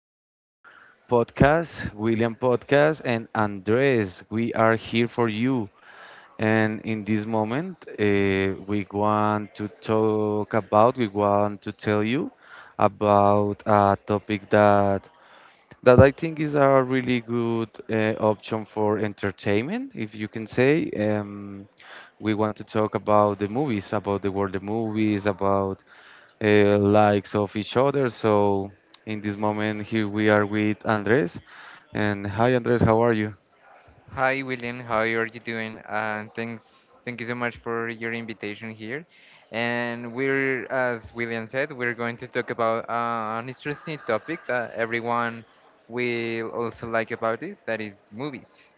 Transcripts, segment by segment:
your podcast, William Podcast, and Andres, we are here for you. And in this moment, we want to talk about, we want to tell you about a topic that I think is a really good option for entertainment, if you can say. We want to talk about the movies, about the world of movies, about likes of each other. So in this moment, here we are with Andres. And hi, Andres, how are you? Hi William, how are you doing? And thank you so much for your invitation here. And as William said, we're going to talk about an interesting topic that everyone will also like about this, that is movies.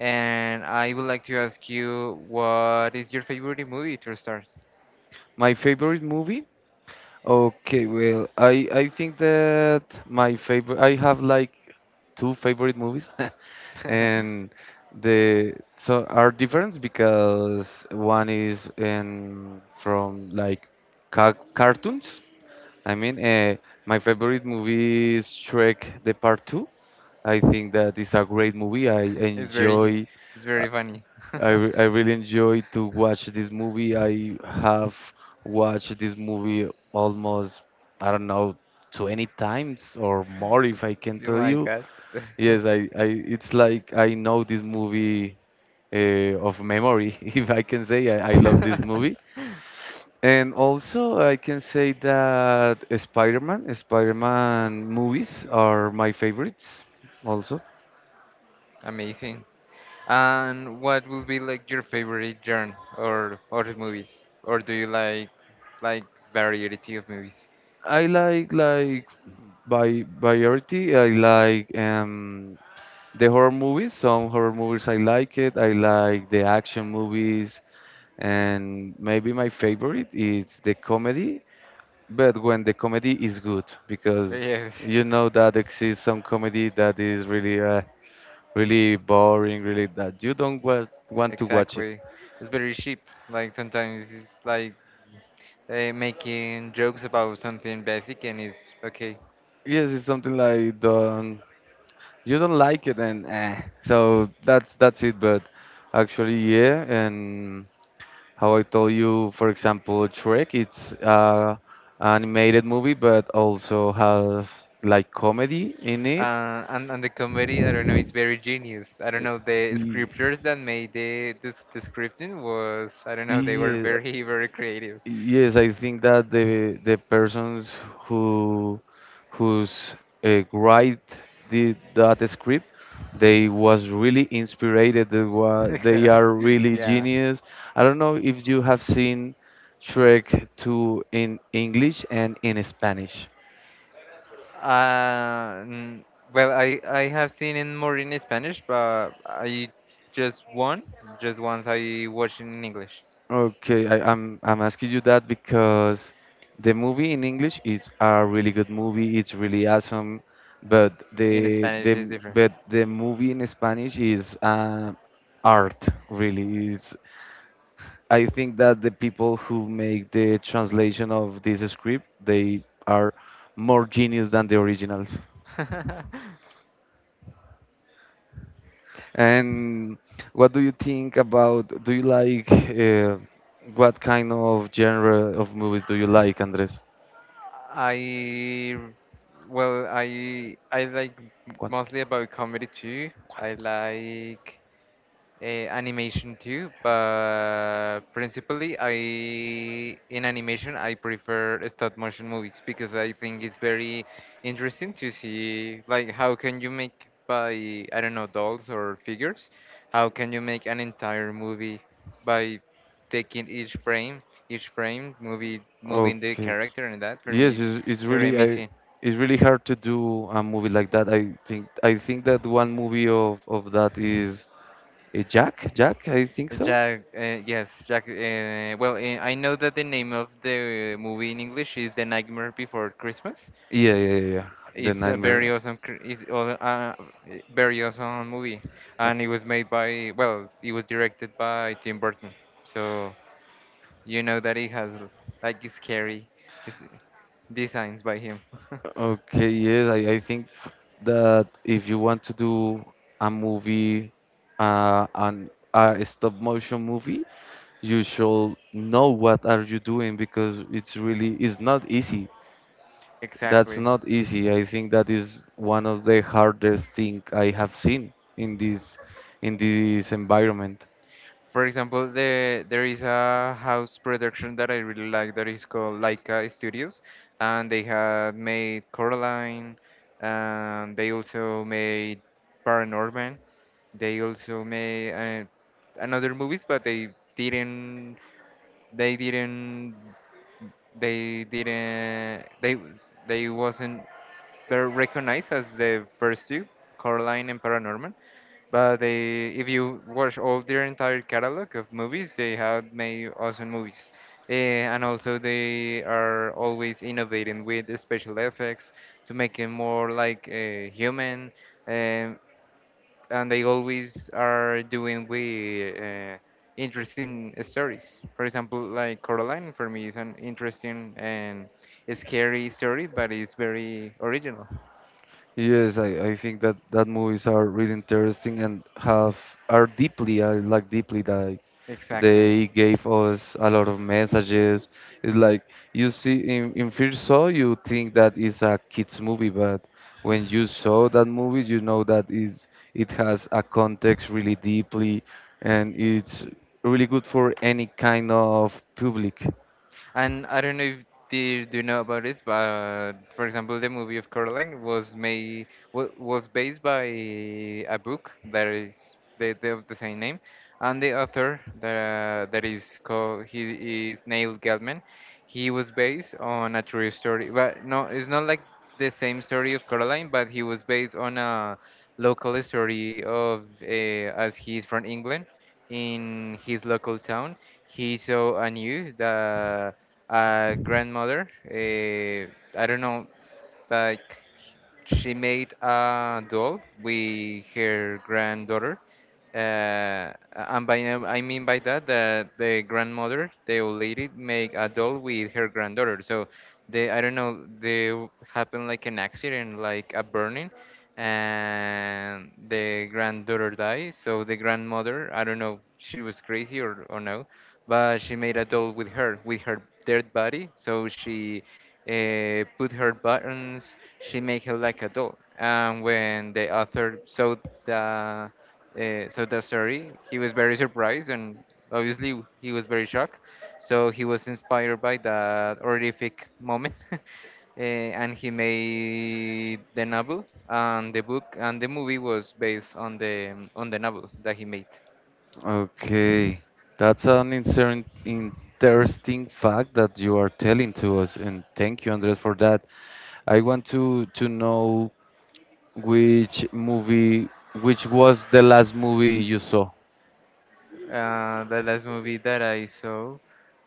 And I would like to ask you, what is your favorite movie to start? My favorite movie? Okay, well, I think that my favorite I have like two favorite movies, and the so are different because one is in from like ca cartoons. I mean, my favorite movie is Shrek the Part Two. I think that it's a great movie. I It's enjoy, very, it's uh, very funny. I really enjoy to watch this movie. I have watched this movie almost, I don't know, 20 times or more if I can Oh tell my you. God. Yes, I it's like I know this movie of memory, if I can say. I love this movie. And also, I can say that Spider-Man movies are my favorites also. Amazing. And what will be like your favorite genre or movies? Or do you like like variety of movies? I like by variety. I like the horror movies. Some horror movies I like it. I like the action movies, and maybe my favorite is the comedy. But when the comedy is good, because Yes, you know that exists some comedy that is really really boring, really that you don't want to watch it. exactly. It's very cheap. Like sometimes it's like making jokes about something basic and it's okay. Yes, it's something like the. You don't like it and so that's it, but actually, yeah, and how I told you, for example, Trek, it's animated movie but also have like comedy in it. And the comedy, I don't know, it's very genius. I don't know, the Ye- scriptures that made the scripting was, I don't know, they were yeah, very creative. yes, I think that the persons who who's write that script, they was really inspired. They Exactly. are really Yeah. genius. I don't know if you have seen Shrek 2 in English and in Spanish. Uh, n- well, I have seen it more in Spanish, but just one, just once I watched in English. Okay, I'm asking you that because the movie in English is a really good movie. It's really awesome, but In Spanish is different. The movie in Spanish is art. Really, it's. I think that the people who make the translation of this script, they are more genius than the originals. And what do you think about? Do you like? What kind of genre of movies do you like, Andres? I Well, I like Quant- mostly about comedy too. I like animation too, but principally I in animation I prefer stop motion movies because I think it's very interesting to see like how can you make by I don't know dolls or figures, how can you make an entire movie by taking each frame movie moving the Okay. character and that for me Yes, is it's very really amazing. it's really hard to do a movie like that. I think that one movie of that is a Jack. Jack, I think so. Jack. I know that the name of the movie in English is The Nightmare Before Christmas. Yeah, yeah, yeah, yeah. The It's a Nightmare. very awesome, cr- it's all- Very awesome movie, and it was made by, well, it was directed by Tim Burton. So you know that it has like scary s- designs by him. Okay. Yes, I think that if you want to do a movie, an a stop motion movie, you should know what are you doing because it's really it's not easy. That's Exactly. not easy. I think that is one of the hardest thing I have seen in this environment. For example, there is a house production that I really like that is called Laika Studios, and they had made Coraline, and they also made Paranorman. They also made another movies, but didn't. They didn't. They didn't. They wasn't. They're recognized as the first two, Coraline and Paranorman, but they, if you watch all their entire catalog of movies, they have made awesome movies. And also, they are always innovating with the special effects to make it more like human. Um, and they always are doing with interesting stories. For example, like Coraline for me is an interesting and scary story, but it's very original. Yes, I think that that movies are really interesting and have are deeply. I like deeply that Exactly. they gave us a lot of messages. It's like you see in first saw you think that is a kids movie, but when you saw that movie, you know that is it has a context really deeply, and it's really good for any kind of public. And I don't know if they do you know about this, but for example, the movie of Coraline was was based by a book that is the of the same name, and the author that that is called he is Neil Gaiman. He was based on a true story, but no, it's not like the same story of Coraline, but he was based on a local story of as he's from England in his local town, he saw a news that grandmother. I don't know. Like she made a doll with her granddaughter. And by I mean by that that the grandmother, the old lady, make a doll with her granddaughter. So I don't know, happened like an accident, like a burning, and the granddaughter died. So the grandmother, I don't know, she was crazy or no, but she made a doll with with her dead body. So she put her buttons. She made her like a doll. And when the author the saw the story, he was very surprised and obviously he was very shocked. So he was inspired by that horrific moment. Uh, and he made the novel and the book and the movie was based on the novel that he made. Okay, that's an interesting fact that you are telling to us, and thank you, Andres, for that. I want to know which movie, which was the last movie you saw. The last movie that I saw,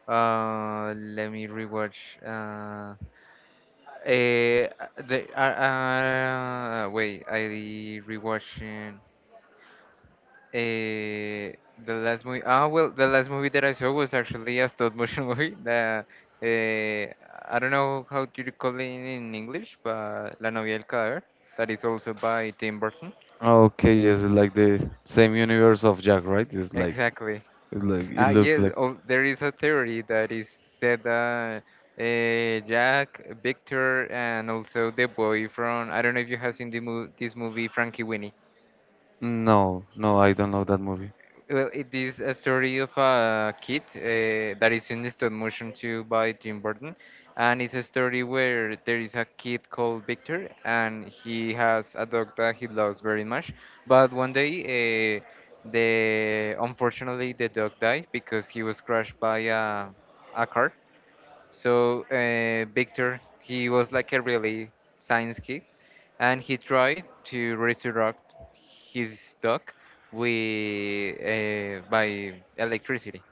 let me rewatch. Eh, the wait, I rewatching eh, the last movie. Ah, Well, the last movie that I saw was actually a stop motion movie. Eh, I don't know how do you call it in English, but La novia del cadáver. That is also by Tim Burton. Okay, yes, it's like the same universe of Jack, right? Exactly. It's like it Ah, looks yes. like. Oh, there is a theory that is said that Jack, Victor, and also the boy from I don't know if you have seen this movie Frankie Winnie. No, no, I don't know that movie. Well, it is a story of a kid that is in stop motion too by Tim Burton, and it's a story where there is a kid called Victor, and he has a dog that he loves very much. But one day, the unfortunately the dog died because he was crushed by a car, so Victor, he was like a really science kid, and he tried to resurrect his dog with by electricity.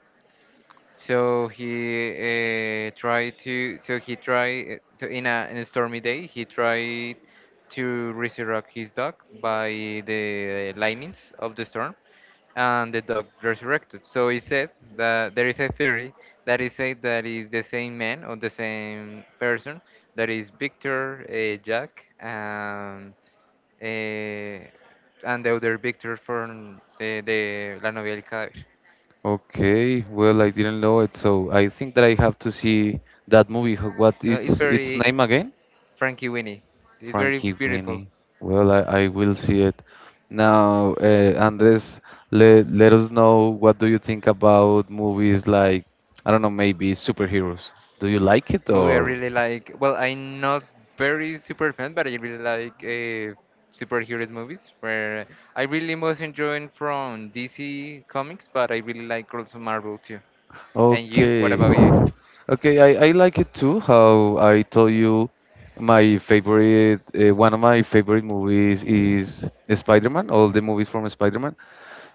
So he tried to. So he tried. So in in a stormy day, he tried to resurrect his dog by the lightnings of the storm, and the dog resurrected. So he said that there is a theory that is said that is the same man or the same person that is Victor Jack and the other Victor from the La Novia del Cadáver. Okay, well, I didn't know it, so I think that I have to see that movie. What It's it's its very name again? Frankie Winnie. It's very Frankie beautiful. Winnie. Well, I will see it. Now, Andres, let us know what do you think about movies like, I don't know, maybe superheroes. Do you like it Oh, I or? really like. Well, I'm not very super fan, but I really like superheroes movies. Where I really most enjoying from DC Comics, but I really like also Marvel too. And you? What Okay. about you? Okay, I like it too. How I told you, my favorite, one of my favorite movies is Spider-Man, all the movies from Spider-Man.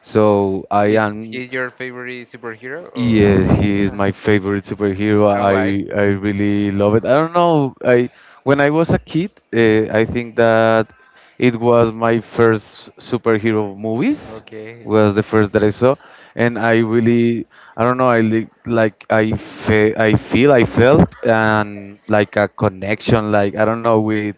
So I Is am. he your favorite superhero or Yes, he is my favorite superhero. and I why? I really love it. I don't know. I when I was a kid, I think that it was my first superhero movies, Okay. was the first that I saw, and I really I don't know. I li like I feel I felt and like a connection. Like, I don't know, with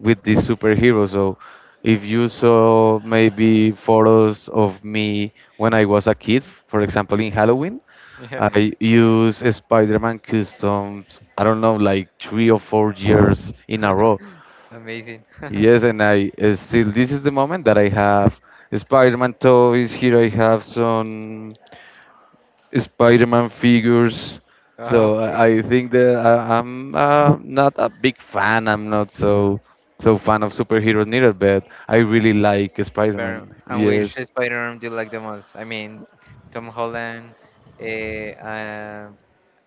this superhero. So if you saw maybe photos of me when I was a kid, for example in Halloween. Yeah. I Yeah. use Spider-Man customs, I don't know, like 3 or 4 years in a row. Amazing. Yes, and I still, this is the moment that I have Spider-Man toys. Here I have some Spider-Man figures. So Okay. I think that I'm not a big fan. I'm not so fan of superheroes neither, but I really like Spider-Man. Spider And which Yes, Spider-Man do you like the most? I mean, Tom Holland, eh, uh,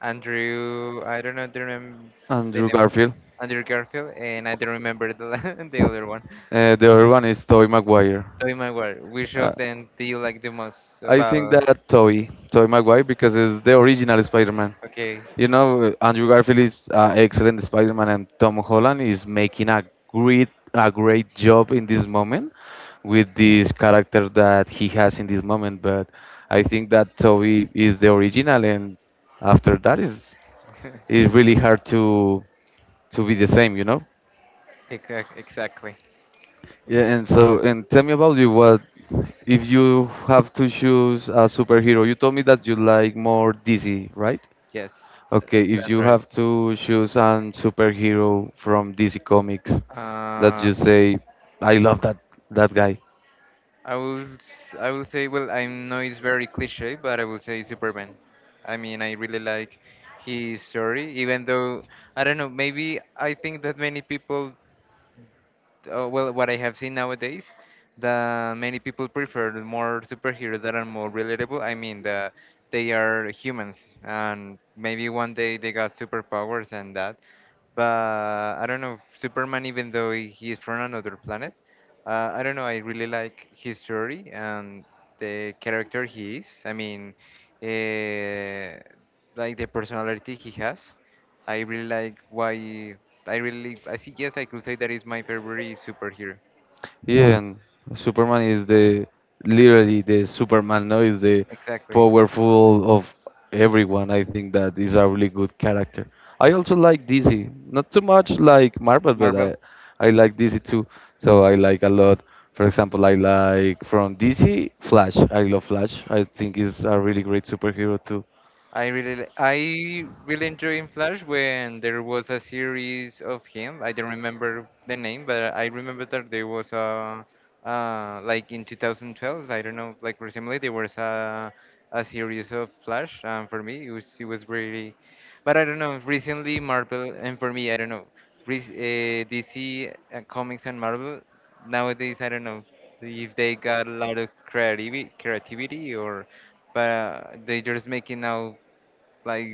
Andrew. I don't know the name. The Andrew name. Garfield. Andrew Garfield, and I don't remember the other one. The other one is Tobey Maguire. Tobey Maguire. Which Uh, of them do you like the most? I think About that Toby Maguire, because it's the original Spider-Man. okay. You know, Andrew Garfield is excellent Spider-Man, and Tom Holland is making a great job in this moment with this character that he has in this moment. But I think that Toby is the original, and after that is it's really hard to be the same, you know. Exactly. Yeah, and so and tell me about you. What if you have to choose a superhero? You told me that you like more DC, right? Yes, Okay, if that's you right. have to choose an superhero from DC Comics that Uh, you say, I love that guy. I will say, well, I know it's very cliche but I will say Superman. I mean I really like his story even though I don't know maybe I think that many people well, what I have seen nowadays, that many people prefer more superheroes that are more relatable. I mean, they are humans, and maybe one day they got superpowers and that. But I don't know, Superman, even though he is from another planet, I don't know, I really like his story and the character he is. I mean, uh, like the personality he has. I really like why I really I think yes I could say that is my favorite superhero. Yeah, and Superman is the literally the Superman, no, is the Exactly. powerful of everyone. I think that is a really good character. I also like DC, not too much like Marvel, but I Marvel I like DC too. So I like a lot. For example, I like from DC Flash. I love Flash. I think is a really great superhero too. I really enjoy in Flash when there was a series of him. I don't remember the name, but I remember that there was a like in 2012. I don't know, like recently there was a series of Flash. For me, it was really, but I don't know. Recently, Marvel and for me, I don't know. DC Comics and Marvel nowadays. I don't know if they got a lot of creativity, creativity or but they're just making now like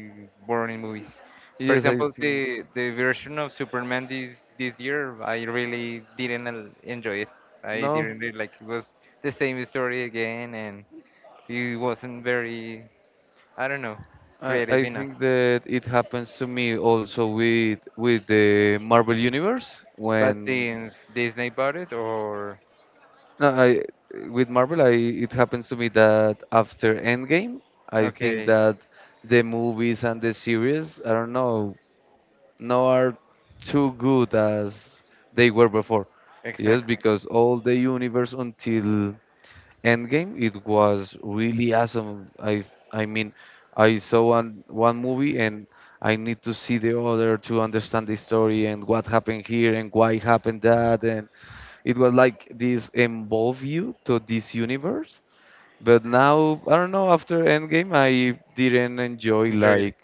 boring movies. For Yes, I example, think the version of Superman this year, I really didn't el- enjoy it. I no. didn't really like it was the same story again, and it wasn't very I don't know I creative enough. think that it happens to me also with the Marvel Universe But when since Disney bought it, or no I with Marvel I it happens to me that after Endgame I think okay, that the movies and the series I don't know now are too good as they were before. Yes, exactly, because all the universe until Endgame, it was really awesome. I mean, I saw one movie and I need to see the other to understand the story and what happened here and why happened that, and it was like this involve you to this universe. But now I don't know. After Endgame, I didn't enjoy enjoyed it.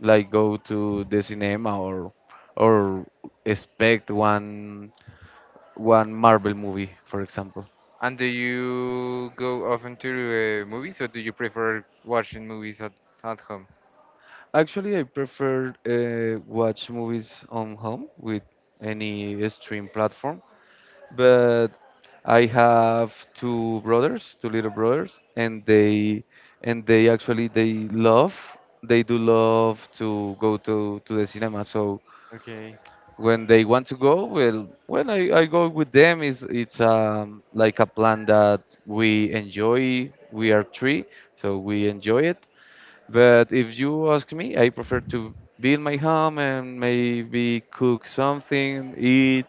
like go to the cinema or or expect one Marvel movie, for example. And do you go often to movies, or do you prefer watching movies at home? Actually, I prefer watch movies on home with any stream platform, but I have two brothers, two little brothers, and they actually they love they do love to go to the cinema. So Okay, when they want to go, well, when I go with them, is it's like a plan that we enjoy. We are three, so we enjoy it, but if you ask me, I prefer to be in my home and maybe cook something, eat,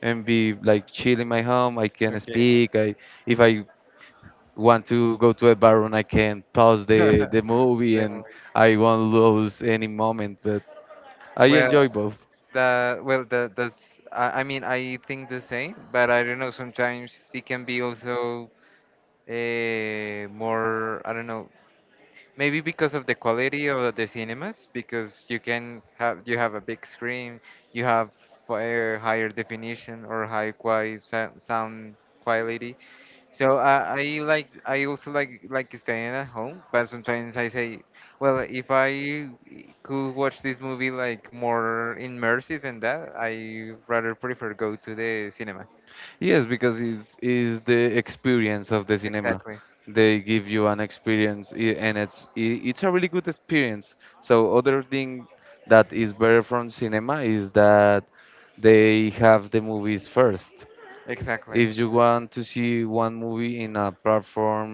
and be like chill in my home. I can okay. speak. I if I want to go to a bar and I can pause the The movie and movie. I won't lose any moment. But I Well, enjoy both. Well, the that's I mean I think the same, but I don't know. Sometimes it can be also more. I don't know. Maybe because of the quality of the cinemas, because you have a big screen, you have higher definition or high quality sound quality so I like I also like staying at home, but sometimes I say, well, if I could watch this movie like more immersive than that, I rather prefer go to the cinema. Yes, because it's is the experience of the cinema. Exactly, They give you an experience, and it's it's a really good experience. So other thing that is better from cinema is that they have the movies first. exactly. If you want to see one movie in a platform,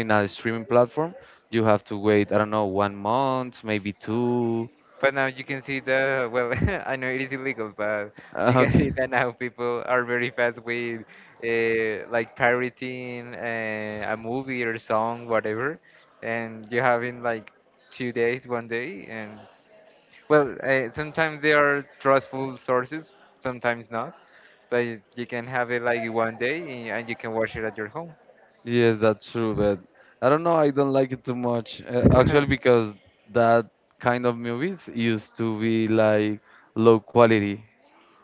in a streaming platform, you have to wait, I don't know, 1 month, maybe two. But now you can see the well, I know it is illegal, but you can Okay. see that now people are very fast with like pirating a movie or song, whatever, and you have in like 2 days, 1 day, and well, sometimes they are trustful sources, sometimes not. But you can have it like 1 day and you can watch it at your home. Yes, that's true, but I don't know. I don't like it too much. Actually, because that kind of movies used to be like low quality.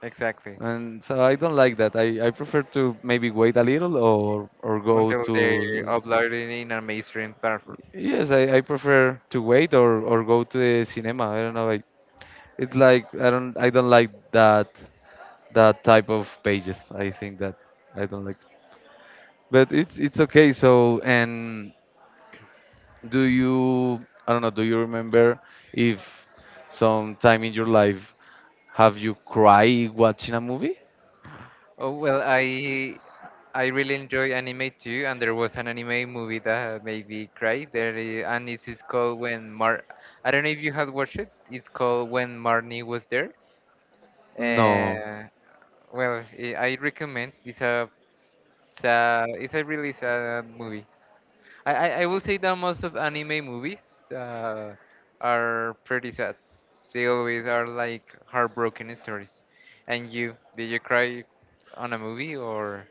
Exactly. And so I don't like that. I prefer to maybe wait a little or go Until they to. upload it in a mainstream platform. Yes, I prefer to wait or go to the cinema. I don't know. I, it's like I don't like that type of pages. I think that I don't like. But it's okay. So and do you, I don't know, do you remember if some time in your life have you cried watching a movie? Oh well, I really enjoy anime too, and there was an anime movie that made me cry. There, and it is called When Mar. I don't know if you have watched it. It's called When Marnie Was There. No. Well, I recommend. It's a really sad movie. I will say that most of anime movies are pretty sad. They always are like heartbroken stories. And you, did you cry on a movie or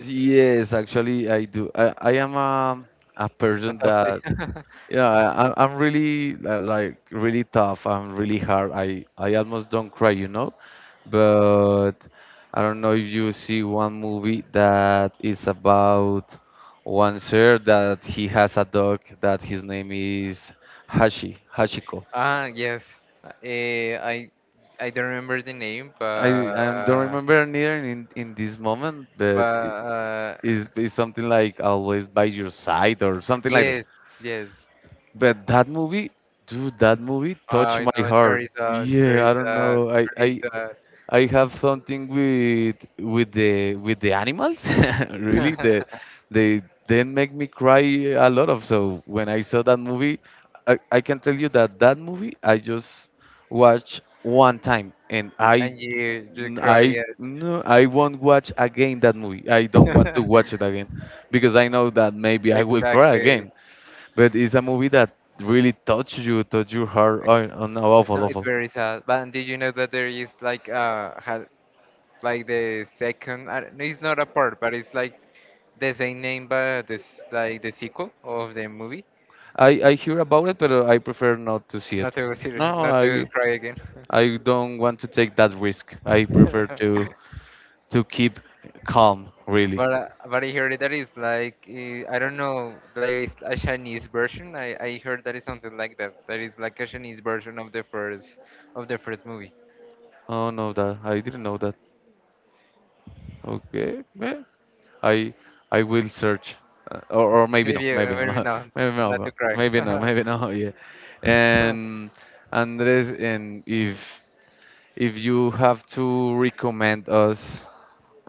Yes, actually, I am a a person soft day? that yeah I'm really like really tough. I'm really hard. I Almost don't cry, you know, but I don't know if you see one movie that is about one sir that he has a dog that his name is Hashiko. Ah, yes. Eh, I, I don't remember the name, I, but, I don't remember neither in this moment, but but it is something like always by your side or something like that. yes, yes. But that movie, dude, that movie touched Oh, my no, it's heart. very sad. It's Yeah, very I don't sad. know. It's I very I sad. I have something with the animals. And Really, that they then make me cry a lot of. So when I saw that movie, I can tell you that that movie I just watched one time, and I you cry I it. no, I won't watch again that movie. I don't want to watch it again because I know that maybe I will cry Exactly. again. But it's a movie that really touched you, touched your heart on awful, No, it's awful. very sad. But did you know that there is like ha like the second? I don't- It's not a part, but it's like the same name, but this like the sequel of the movie. I hear about it, but I prefer not to see Not it. to No, ser- not to I cry again. Don't want to take that risk. I prefer to keep calm, really. But I heard that is like I don't know, like it's a Chinese version. I heard that is something like that. That is like a Chinese version of the first movie. Oh no, that I didn't know that. Okay, well, I I will search, or Have you maybe no, ever been. Not maybe to no, cry. maybe no, maybe no. Yeah, and Andres, and if you have to recommend us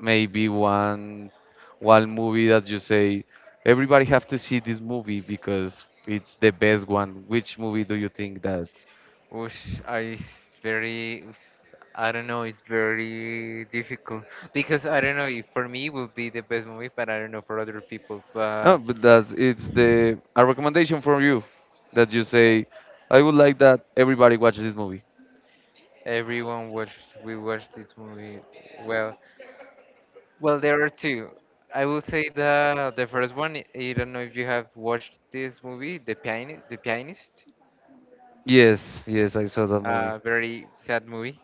maybe one one movie that you say everybody have to see this movie because it's the best one. Which movie do you think that? Whoosh, I it's very, I don't know, it's very difficult because I don't know if for me it will be the best movie, but I don't know for other people. But No, but that's it's the a recommendation from you that you say I would like that everybody watch this movie. We watched this movie. Well, well, there are two. I will say the first one. I don't know if you have watched this movie, The Pianist. The Pianist. Yes, yes, I saw that movie. Very sad movie.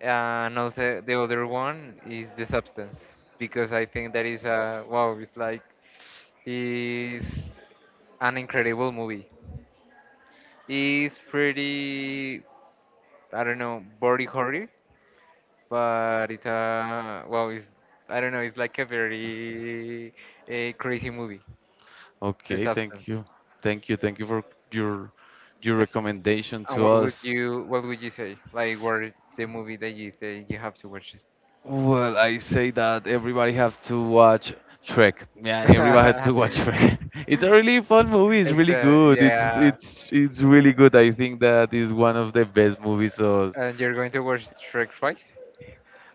And also the other one is The Substance because I think that is a wow. It's like is an incredible movie. It's pretty I don't know body horror, but it's a wow. It's I don't know. It's like a very a crazy movie. The Okay, thank Substance. you, thank you, thank you for your your recommendation And to us. What would you say? Like what the movie that you say you have to watch this? Well, I say that everybody have to watch Trek. Yeah, everybody have to watch Trek. It's a really fun movie. It's really Except, good. It's yeah. it's it's really good. I think that is one of the best movies. So And you're going to watch Shrek 5?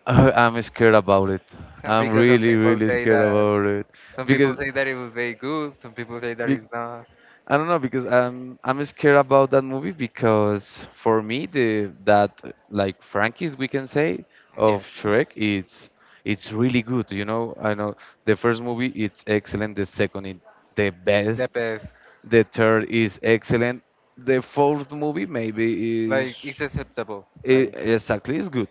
I'm scared about it. I'm Because really really scared about it some people because say that it was very good, some people say that be- it's not. I don't know because I'm scared about that movie because for me the that like Frankie's we can say of Yes, Shrek it's really good, you know. I know the first movie it's excellent, the second is the the best, best. the third is excellent, the fourth movie maybe is Like it's acceptable. I Like. exactly is good,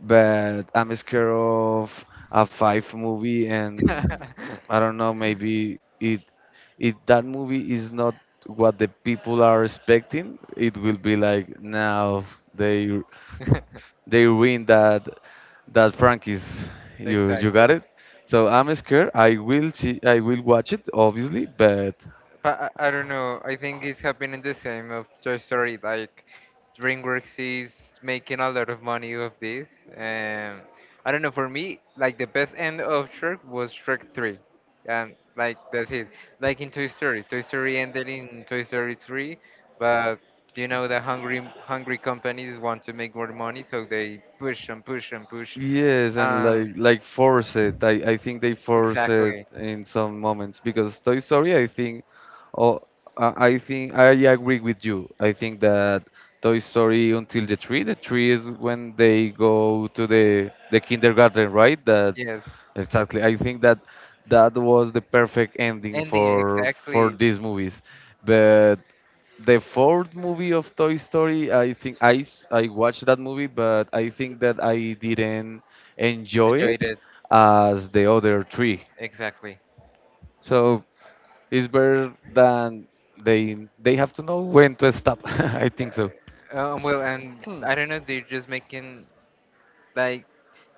but I'm scared of a five movie, and I don't know, maybe it if that movie is not what the people are expecting, it will be like now they they win that that franchise. You Exactly. got it. So I'm scared. I will see. I will watch it obviously, but But I don't know. I think it's happening the same of Toy Story. Like DreamWorks is making a lot of money of this, and I don't know. For me, like the best end of Shrek was Shrek Three, and like that's it. Like in Toy Story, Toy Story ended in Toy Story Three, but you know the hungry hungry companies want to make more money, so they push and push and push. yes, and Um, like force it. I think they force it exactly. in some moments because Toy Story, I think, oh, I think I agree with you. I think that Toy Story until the tree is when they go to the kindergarten, right? That Yes, exactly. I think that that was the perfect ending ending for exactly. these movies, but the fourth movie of Toy Story, I think I watched that movie, but I think that I didn't enjoy Enjoyed it it as the other three. exactly. So it's better than they have to know when to stop. I think so. Well, and Hmm. I don't know, they're just making like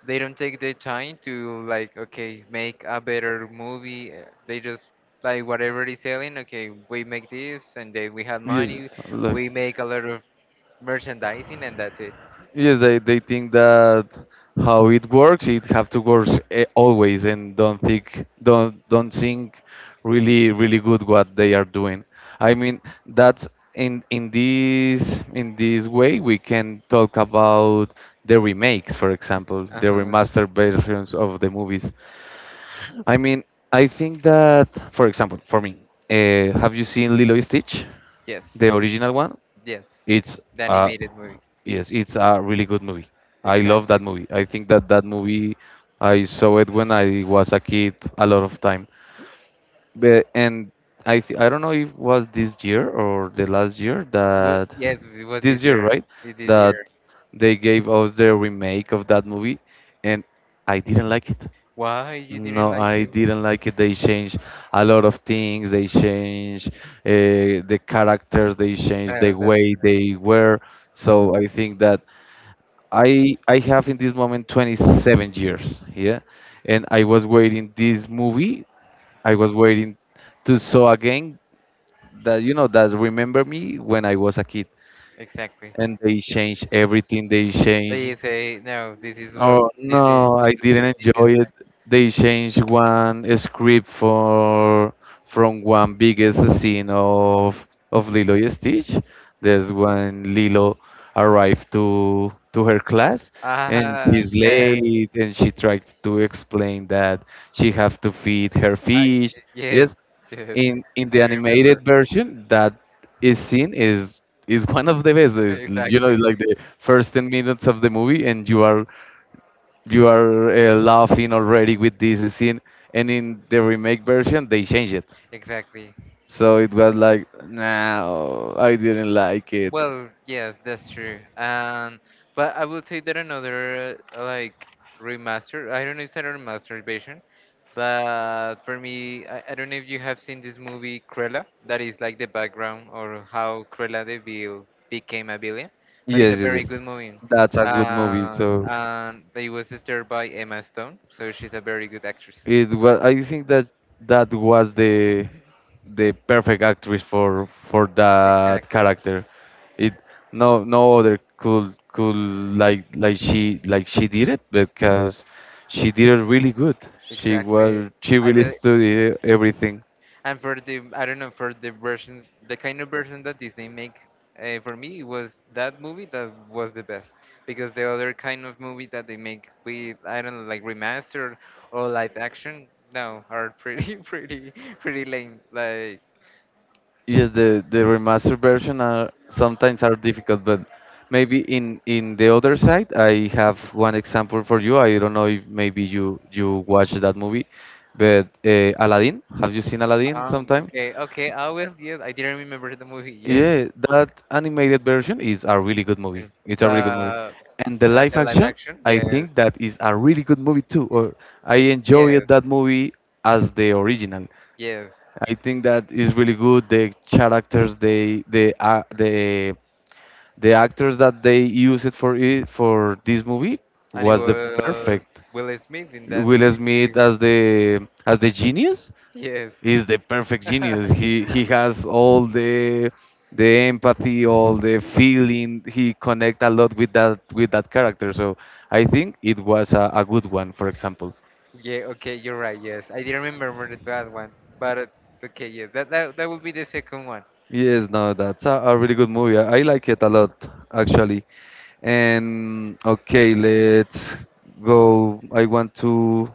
they don't take the time to like okay make a better movie. They just like whatever is selling. Okay, we make this, and then we have Yeah, money. like. We make a lot of merchandising, and that's it. Yes, they think that how it works, it have to work always, and don't think don't think really really good what they are doing. I mean that's in this in this way we can talk about the remakes, for example, Uh the huh. remastered versions of the movies. I mean, I think that, for example, for me, have you seen Lilo and Stitch, Yes. the original one? Yes. It's The uh, animated movie. yes, it's a really good movie. I love Exactly. that movie. I think that that movie, I saw it when I was a kid a lot of time. But, and I don't know if was this year or the last year What? that Yes, it was this this year, year. right? It This That year. they gave us the remake of that movie, and I didn't like it. Why you didn't No, like I it? didn't like it. They changed a lot of things. They changed the characters. They changed the Well, that's way true. they were. So I think that I have in this moment 27 years, yeah, and I was waiting this movie. I was waiting to saw again that you know that remember me when I was a kid. Exactly. And they changed everything. They So you changed say, no, this is was oh this is no, this I is, didn't this is enjoy it. They changed one script for from one biggest scene of Lilo and Stitch. There's when Lilo arrived to her class and ah, she's yes. late and she tried to explain that she have to feed her I fish. Yes, Yes, yes, in I the remember. animated version that is seen is one of the best. It's, you know, Exactly, like the first 10 minutes of the movie and you are laughing already with this scene and in the remake version they changed it exactly. so it was like no I didn't like it, Well, yes, that's true. But I will say that another like remaster. I don't know if it's a remastered version, but for me, I don't know if you have seen this movie Cruella. That is like the background or how Cruella de Vil became a villain. But it's a yes, yes, very yes. good movie. That's a good movie, so And they was starred by Emma Stone, so she's a very good actress. it was I think that that was the perfect actress for that Exactly, character. It no no other could like she did it because she did it really good. She exactly. was she I really really, studied everything. and for the I don't know for the versions, the kind of version that Disney make for me it was that movie that was the best because the other kind of movie that they make with I don't know like remastered or live action no are pretty pretty lame like. Yes, the remastered version are sometimes are difficult, but maybe in the other side, I have one example for you. I don't know if maybe you you watched that movie, but Aladdin. Have you seen Aladdin sometime? Okay, okay, I will. Yes, I didn't remember the movie. Yes. Yeah, that animated version is a really good eh, movie. It's a really good movie, but and the and live the live action, action, I yes. think that is a really good movie too. Or I Yes, enjoyed that movie as the original. yes, I think that is really good. The characters, they, the actors that they used it for it for this movie and it was the was perfect. Will Smith in that Will movie too. Smith as the genius Yes. is the perfect genius. He has all the empathy, all the feeling. He connect a lot with that character. So I think it was a good one. For example. Yeah, okay, you're right. Yes, I didn't remember that one, but okay, yeah, that will be the second one. Yes, no, that's a really good movie. I like it a lot, actually. And okay, let's go. I want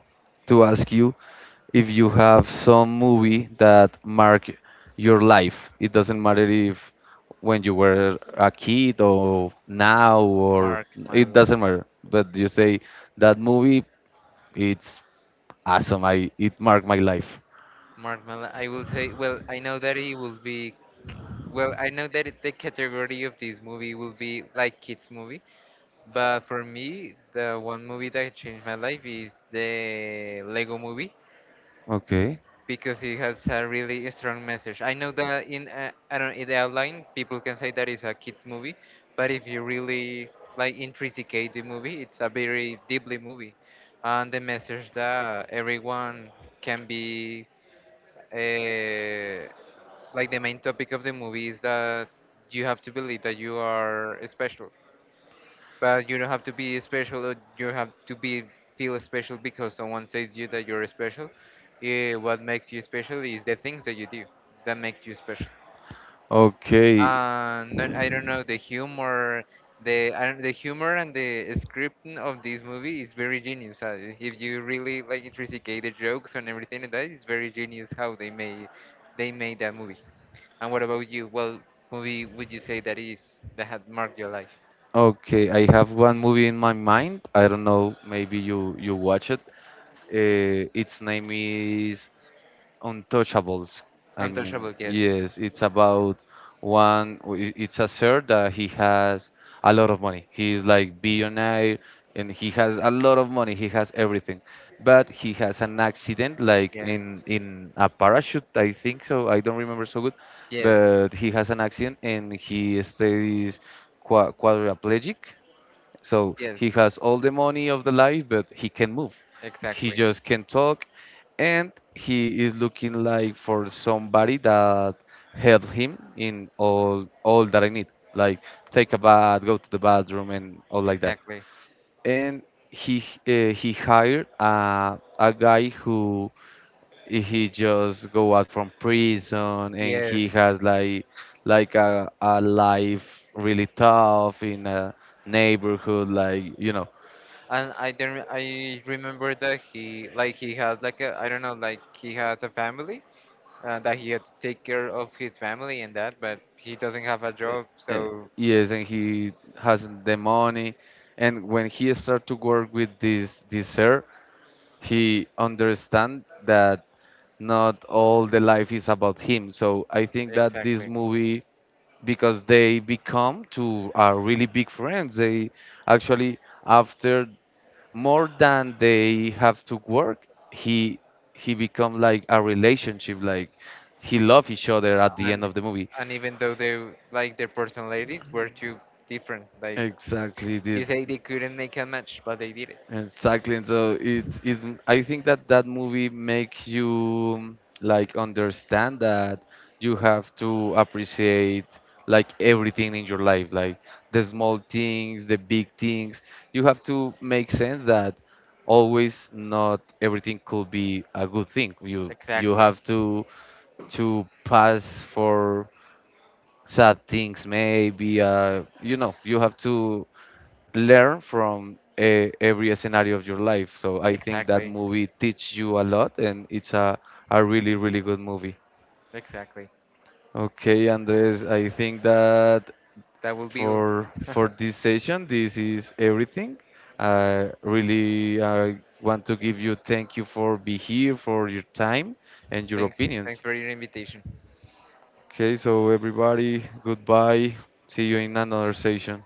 to ask you if you have some movie that mark your life. It doesn't matter if when you were a kid or now or Mark my it life, doesn't matter. But you say that movie, it's awesome. I it marked my life. mark my life. I will say, well, I know that it will be, well, I know that it, the category of this movie will be like kids movie, but for me, the one movie that changed my life is The Lego Movie, Okay. because it has a really strong message. I know that in I don't know, in the outline people can say that it's a kids movie, but if you really like intricate the movie, it's a very deeply movie, and the message that everyone can be uh, like the main topic of the movie is that you have to believe that you are special but you don't have to be special. Or you have to be feel special because someone says you that you're special. What makes you special is the things that you do that makes you special. Okay. And then, I don't know the humor, the I don't, the humor and the scripting of this movie is very genius. If you really like intricate the jokes and everything like that, it's very genius how they made that movie. And what about you? Well, movie would you say that is that had marked your life? Okay, I have one movie in my mind. I don't know, maybe you you watch it. Its name is Untouchables. I mean, Untouchable, yes, yes, it's about It's a sir that he has a lot of money. He's like billionaire, and he has a lot of money. He has everything, but he has an accident, like yes. in a parachute, I think so. I don't remember so good, Yes, but he has an accident and he stays quadriplegic so yes, he has all the money of the life, but he can move. He exactly, just can talk, and he is looking like for somebody that help him in all that I need, like take a bath, go to the bathroom, and all like that. exactly. And he hired a guy who he just go out from prison, and Yes, he has like a life really tough in a neighborhood like you know and I don't. I remember that he like he has like a I don't know like he has a family that he had to take care of his family and that, but he doesn't have a Uh, job. uh, So yes, and he hasn't the money. And when he start to work with this this sir, he understand that not all the life is about him. So I think that this exactly, movie, because they become two are really big friends. They actually after more than they have to work, he he become like a relationship. Like he love each other at the end and of the movie. and even though they like their personalities were too different, like Exactly, you dude. say they couldn't make a match, but they did it. Exactly, and so it's it. I think that that movie makes you like understand that you have to appreciate like everything in your life, like the small things, the big things. You have to make sense that always not everything could be a good thing. You Exactly, have to pass for sad things, maybe. You know, you have to learn from every scenario of your life. So I think that exactly, movie teaches you a lot, and it's a really really good movie. exactly. Okay, Andres, I think that That will be all. For this session, this is everything. I really want to give you thank you for be here, for your time and your Thanks opinions. for your invitation. Okay, so everybody, goodbye. See you in another session.